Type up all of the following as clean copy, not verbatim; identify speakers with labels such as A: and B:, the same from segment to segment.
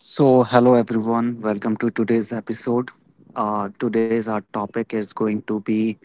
A: So, hello everyone, welcome to today's episode. Today's our topic is going to be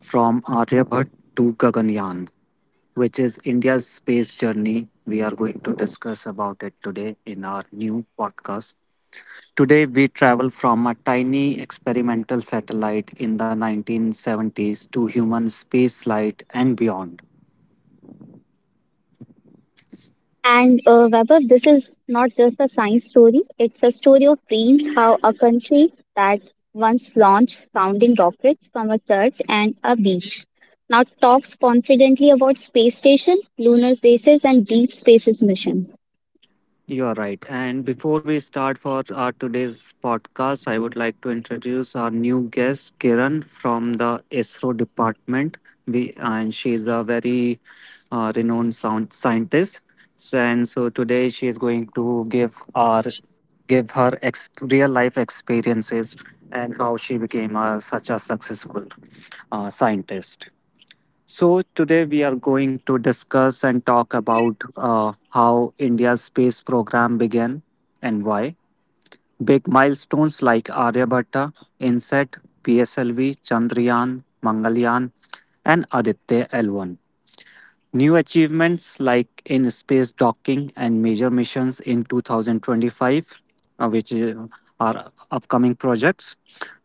A: from Aryabhat to Gaganyaan, which is India's space journey. We are going to discuss about it today in our new podcast. Today, we travel from a tiny experimental satellite in the 1970s to human spaceflight and beyond.
B: And Vaibhav, this is not just a science story, it's a story of dreams, how a country that once launched sounding rockets from a church and a beach now talks confidently about space station, lunar bases, and deep spaces mission.
A: You are right. And before we start for our today's podcast, I would like to introduce our new guest, Kiran from the ISRO department. We and she's a very renowned sound scientist. So, and so today she is going to give her real life experiences and how she became a, such a successful scientist. So, today we are going to discuss and talk about how India's space program began and why. Big milestones like Aryabhatta, INSET, PSLV, Chandrayaan, Mangalyaan, and Aditya L1. New achievements like in space docking and major missions in 2025, uh, which is, are upcoming projects.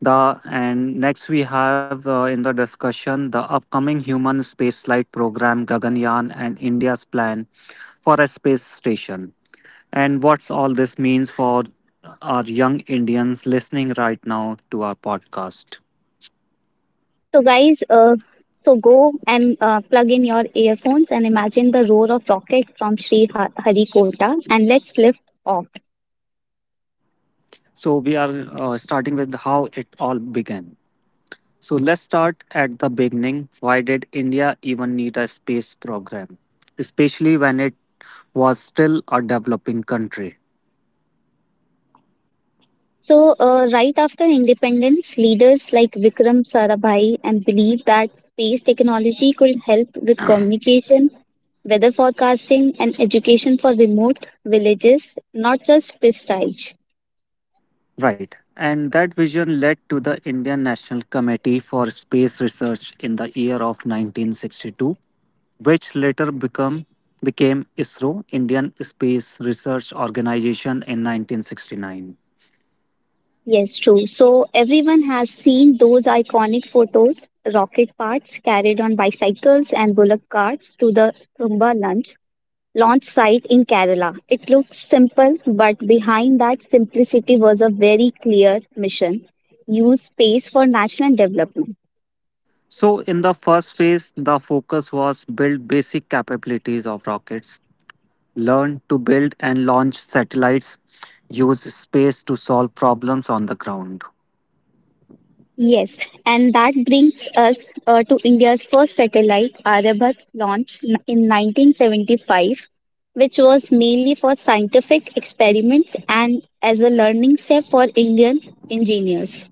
A: The and next we have in the discussion the upcoming human spaceflight program Gaganyaan and India's plan for a space station and what's all this means for our young Indians listening right now to our podcast.
B: So, guys, so go and plug in your earphones and imagine the roar of rocket from Harikota and let's lift off.
A: So we are starting with how it all began. So let's start at the beginning. Why did India even need a space program? Especially when it was still a developing country.
B: So, right after independence, leaders like Vikram Sarabhai and believed that space technology could help with communication, weather forecasting, and education for remote villages, not just prestige.
A: Right. And that vision led to the Indian National Committee for Space Research in the year of 1962, which became ISRO, Indian Space Research Organization, in 1969.
B: Yes, true. So, everyone has seen those iconic photos rocket parts carried on bicycles and bullock carts to the Tumba lunch launch site in Kerala. It looks simple, but behind that simplicity was a very clear mission use space for national development.
A: So, in the first phase, the focus was build basic capabilities of rockets, learn to build and launch satellites, use space to solve problems on the ground.
B: Yes, and that brings us to India's first satellite, Aryabhat, launched in 1975, which was mainly for scientific experiments and as a learning step for Indian engineers.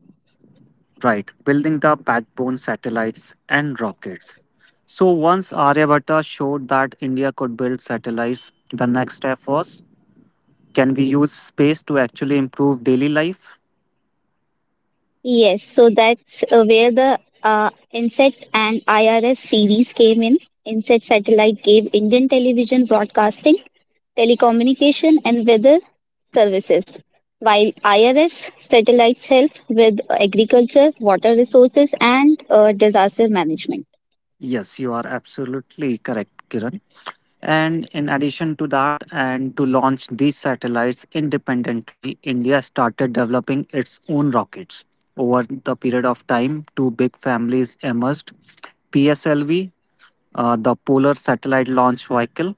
A: Right, building the backbone satellites and rockets. So once Aryabhatta showed that India could build satellites, the next step was, can we use space to actually improve daily life?
B: Yes, so that's where the INSET and IRS series came in. INSET satellite gave Indian television broadcasting, telecommunication, and weather services, while IRS satellites help with agriculture, water resources, and disaster management.
A: Yes, you are absolutely correct, Kiran. And in addition to that, and to launch these satellites independently, India started developing its own rockets. Over the period of time, two big families emerged: PSLV, the Polar Satellite Launch Vehicle,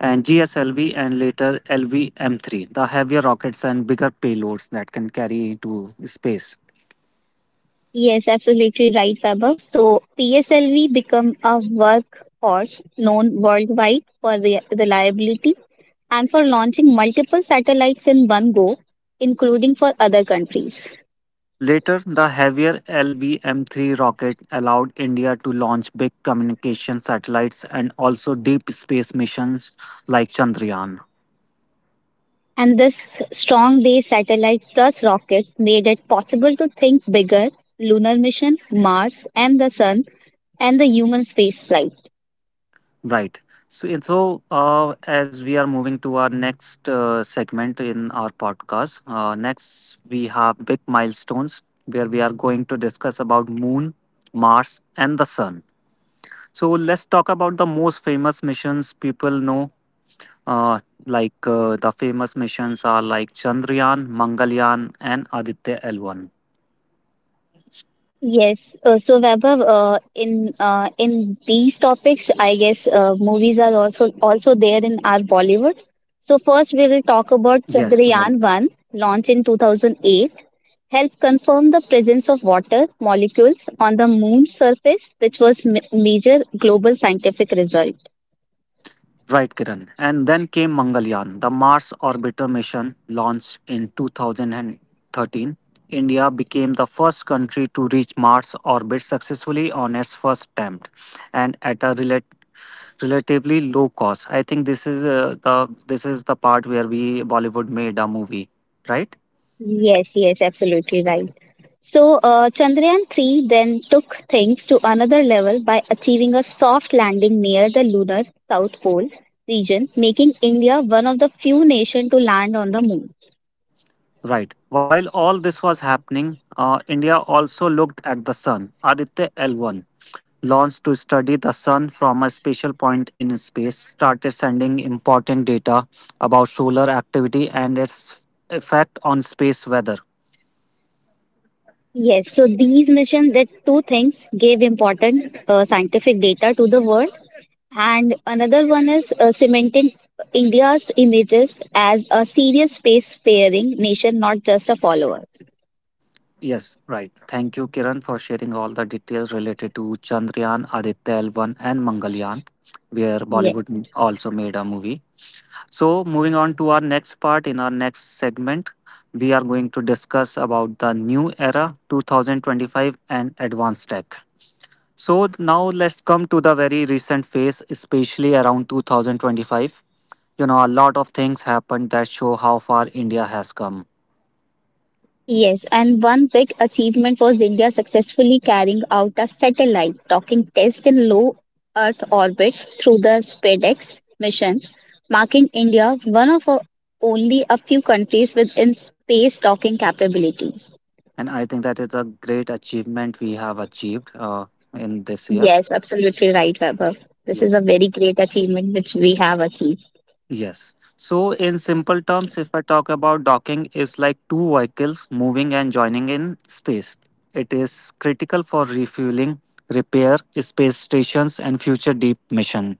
A: and GSLV, and later LVM3, the heavier rockets and bigger payloads that can carry to space.
B: Yes, absolutely right, Vaibhav. So PSLV become a workhorse known worldwide for reliability, and for launching multiple satellites in one go, including for other countries.
A: Later, the heavier LVM-3 rocket allowed India to launch big communication satellites and also deep space missions like Chandrayaan.
B: And this strong base satellite plus rockets made it possible to think bigger lunar mission, Mars, and the Sun, and the human spaceflight.
A: Right. So, and so as we are moving to our next segment in our podcast, next we have big milestones where we are going to discuss about Moon, Mars, and the Sun. So let's talk about the most famous missions people know. Uh, the famous missions are like Chandrayaan, Mangalyaan, and Aditya L1.
B: Yes, so Vaibhav, in these topics, I guess movies are also there in our Bollywood. So first, we will talk
A: Yes,
B: about
A: right.
B: Chandrayaan One, launched in 2008, helped confirm the presence of water molecules on the moon's surface, which was major global scientific result.
A: Right, Kiran. And then came Mangalyaan, the Mars orbiter mission launched in 2013. India became the first country to reach Mars orbit successfully on its first attempt and at a relatively low cost. I think this is the this is the part where we Bollywood made a movie, right?
B: Yes, yes, absolutely right. So, Chandrayaan 3 then took things to another level by achieving a soft landing near the lunar South Pole region, making India one of the few nations to land on the moon.
A: Right. While all this was happening, India also looked at the sun. Aditya L1 launched to study the sun from a special point in space, started sending important data about solar activity and its effect on space weather.
B: Yes, so these missions did two things gave important scientific data to the world, and another one is cementing India's images as a serious space faring nation, not just a follower.
A: Yes, right. Thank you, Kiran, for sharing all the details related to Chandrayaan, Aditya L1, and Mangalyaan, where
B: Yes.
A: Bollywood also made a movie. So moving on to our next part in our next segment, we are going to discuss about the new era 2025 and advanced tech. So now let's come to the very recent phase, especially around 2025. You know, a lot of things happened that show how far India has come.
B: Yes, and one big achievement was India successfully carrying out a satellite docking test in low Earth orbit through the SpaceX mission, marking India one of only a few countries with in space docking capabilities.
A: And I think that is a great achievement we have achieved in this year.
B: Yes, absolutely right, Weber. This is a
A: Yes.
B: very great achievement which we have achieved.
A: Yes. So, in simple terms, if I talk about docking, is like two vehicles moving and joining in space. It is critical for refueling, repair, space stations, and future deep mission.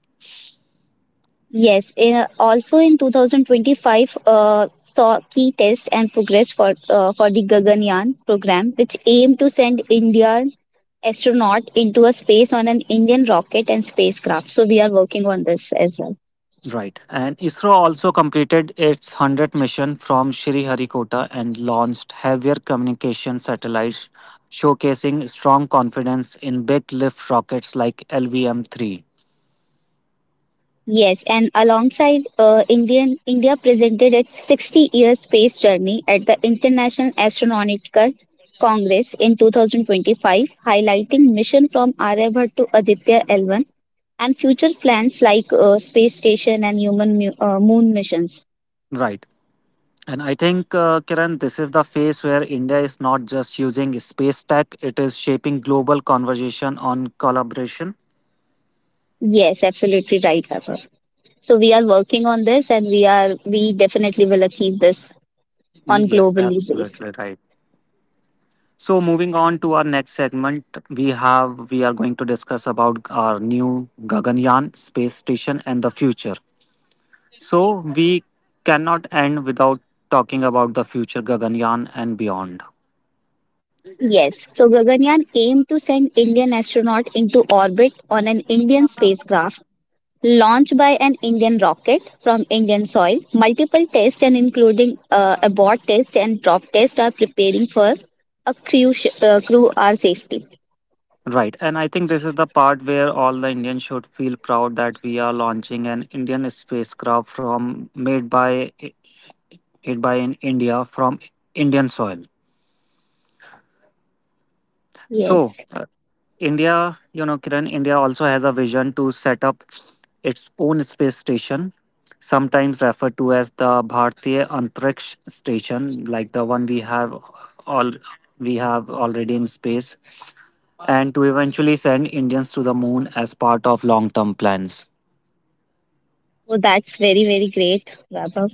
B: Also in 2025 saw key test and progress for for the Gaganyaan program, which aimed to send India astronaut into a space on an Indian rocket and spacecraft. So we are working on this as well.
A: Right. And ISRO also completed its 100th mission from Sriharikota and launched heavier communication satellites, showcasing strong confidence in big lift rockets like LVM 3.
B: Yes, and alongside India presented its 60-year space journey at the International Astronautical Congress in 2025, highlighting mission from Aryabhat to Aditya L1 and future plans like space station and human moon missions.
A: Right. And I think, Kiran, this is the phase where India is not just using space tech, it is shaping global conversation on collaboration.
B: Yes, absolutely right, Pepper. So we are working on this, and we definitely will achieve this on
A: Yes,
B: globally base.
A: absolutely right. So moving on to our next segment, we are going to discuss about our new Gaganyaan space station and the future. So we cannot end without talking about the future Gaganyaan and beyond.
B: Yes, so Gaganyaan aimed to send Indian astronaut into orbit on an Indian spacecraft launched by an Indian rocket from Indian soil. Multiple tests and including abort test and drop test are preparing for a crew are safety.
A: Right, and I think this is the part where all the Indians should feel proud that we are launching an Indian spacecraft from made by in India from Indian soil. So,
B: Yes,
A: India, you know, Kiran, India also has a vision to set up its own space station, sometimes referred to as the Bharatiya Antariksh Station, like the one all we have already in space, and to eventually send Indians to the moon as part of long-term plans.
B: so that's very very great, Vaibhav.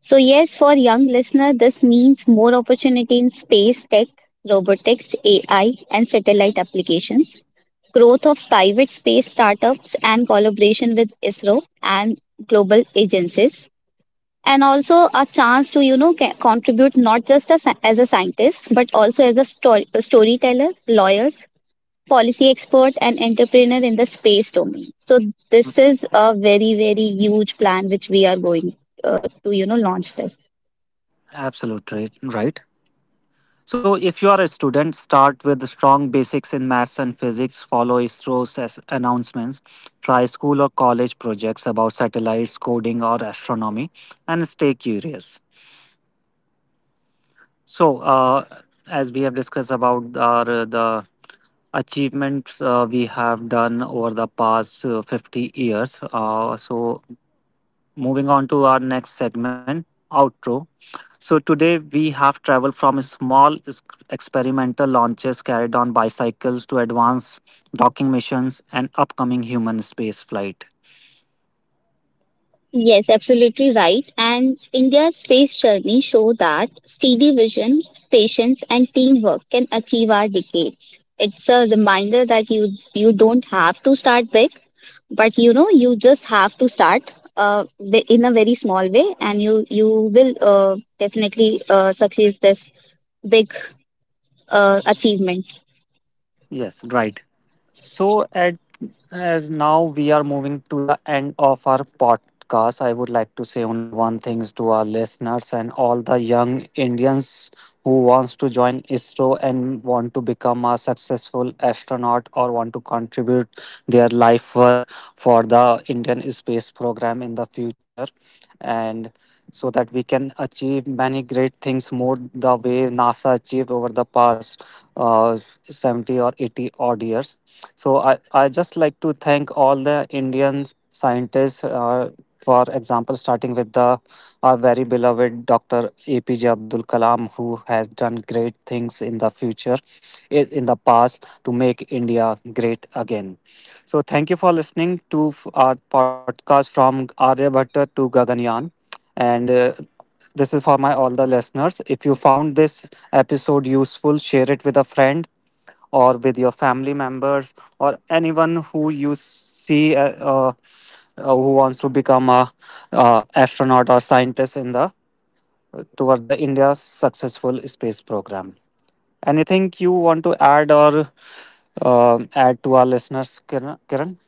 B: So yes, for young listener, this means more opportunity in space tech, robotics, AI, and satellite applications growth of private space startups and collaboration with ISRO and global agencies and also a chance to you know contribute not just as as a scientist but also as a storyteller lawyers policy expert and entrepreneur in the space domain. So this is a very very huge plan which we are going to you know launch this.
A: Absolutely right. Right? So, if you are a student, start with strong basics in maths and physics, follow announcements, try school or college projects about satellites, coding, or astronomy, and stay curious. So, As we have discussed about our, the achievements we have done over the past 50 years, so moving on to our next segment, outro. So today we have traveled from experimental launches carried on bicycles to advanced docking missions and upcoming human space flight.
B: Yes, absolutely right. And India's space journey show that steady vision, patience, and teamwork can achieve our decades. It's a reminder that you don't have to start big, but you know you just have to start in a very small way, and you will definitely succeed this big achievement.
A: Yes, right. So, as now we are moving to the end of our podcast, I would like to say only one thing to our listeners and all the young Indians who wants to join ISRO and want to become a successful astronaut or want to contribute their life work for the Indian space program in the future and so that we can achieve many great things more the way NASA achieved over the past uh, 70 or 80 odd years. So I just like to thank all the Indian scientists, for example, starting with the our very beloved Dr. APJ Abdul Kalam, who has done great things in the future, in the past, to make India great again. So thank you for listening to our podcast from Aryabhatta to Gaganyaan. And This is for my all the listeners. If you found this episode useful, share it with a friend or with your family members or anyone who you see who wants to become a astronaut or scientist in the toward the India's successful space program. Anything you want to add or add to our listeners, Kiran? Kiran?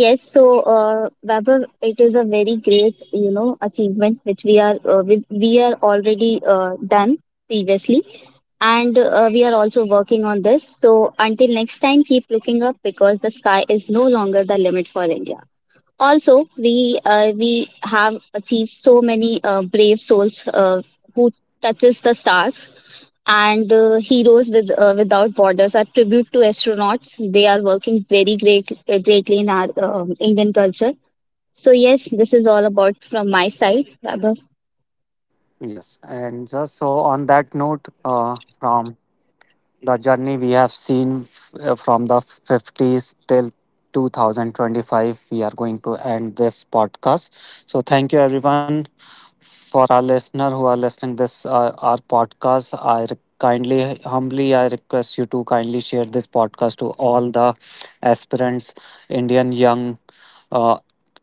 B: Yes, so Vaibhav, it is a very great, you know, achievement which we are we are already done previously, and we are also working on this. So until next time, keep looking up because the sky is no longer the limit for India. Also, we have achieved so many brave souls who touches the stars and heroes with without borders are tribute to astronauts. They are working very greatly in our indian culture. So yes, this is all about from my side, Vaibhav.
A: Yes, and just so on that note, from the journey we have seen from the 50s till 2025, we are going to end this podcast. So, thank you everyone. For our listener who are listening this our podcast, kindly, humbly I request you to kindly share this podcast to all the aspirants, Indian young uh,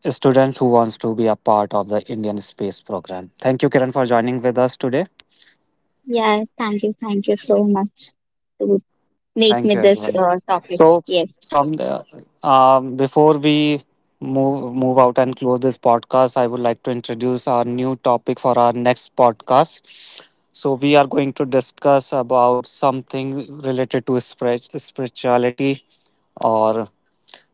A: students who wants to be a part of the Indian space program. Thank you, Kiran, for joining with us today.
B: Yeah, thank you so much to make
A: Thank
B: me
A: you,
B: this
A: everyone.
B: topic.
A: So,
B: Yes,
A: from the before we move out and close this podcast, I would like to introduce our new topic for our next podcast. So, we are going to discuss about something related to spirituality. Or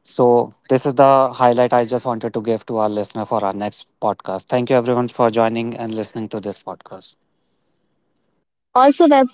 A: so, this is the highlight I just wanted to give to our listener for our next podcast. Thank you, everyone, for joining and listening to this podcast.
B: also Vaibhav,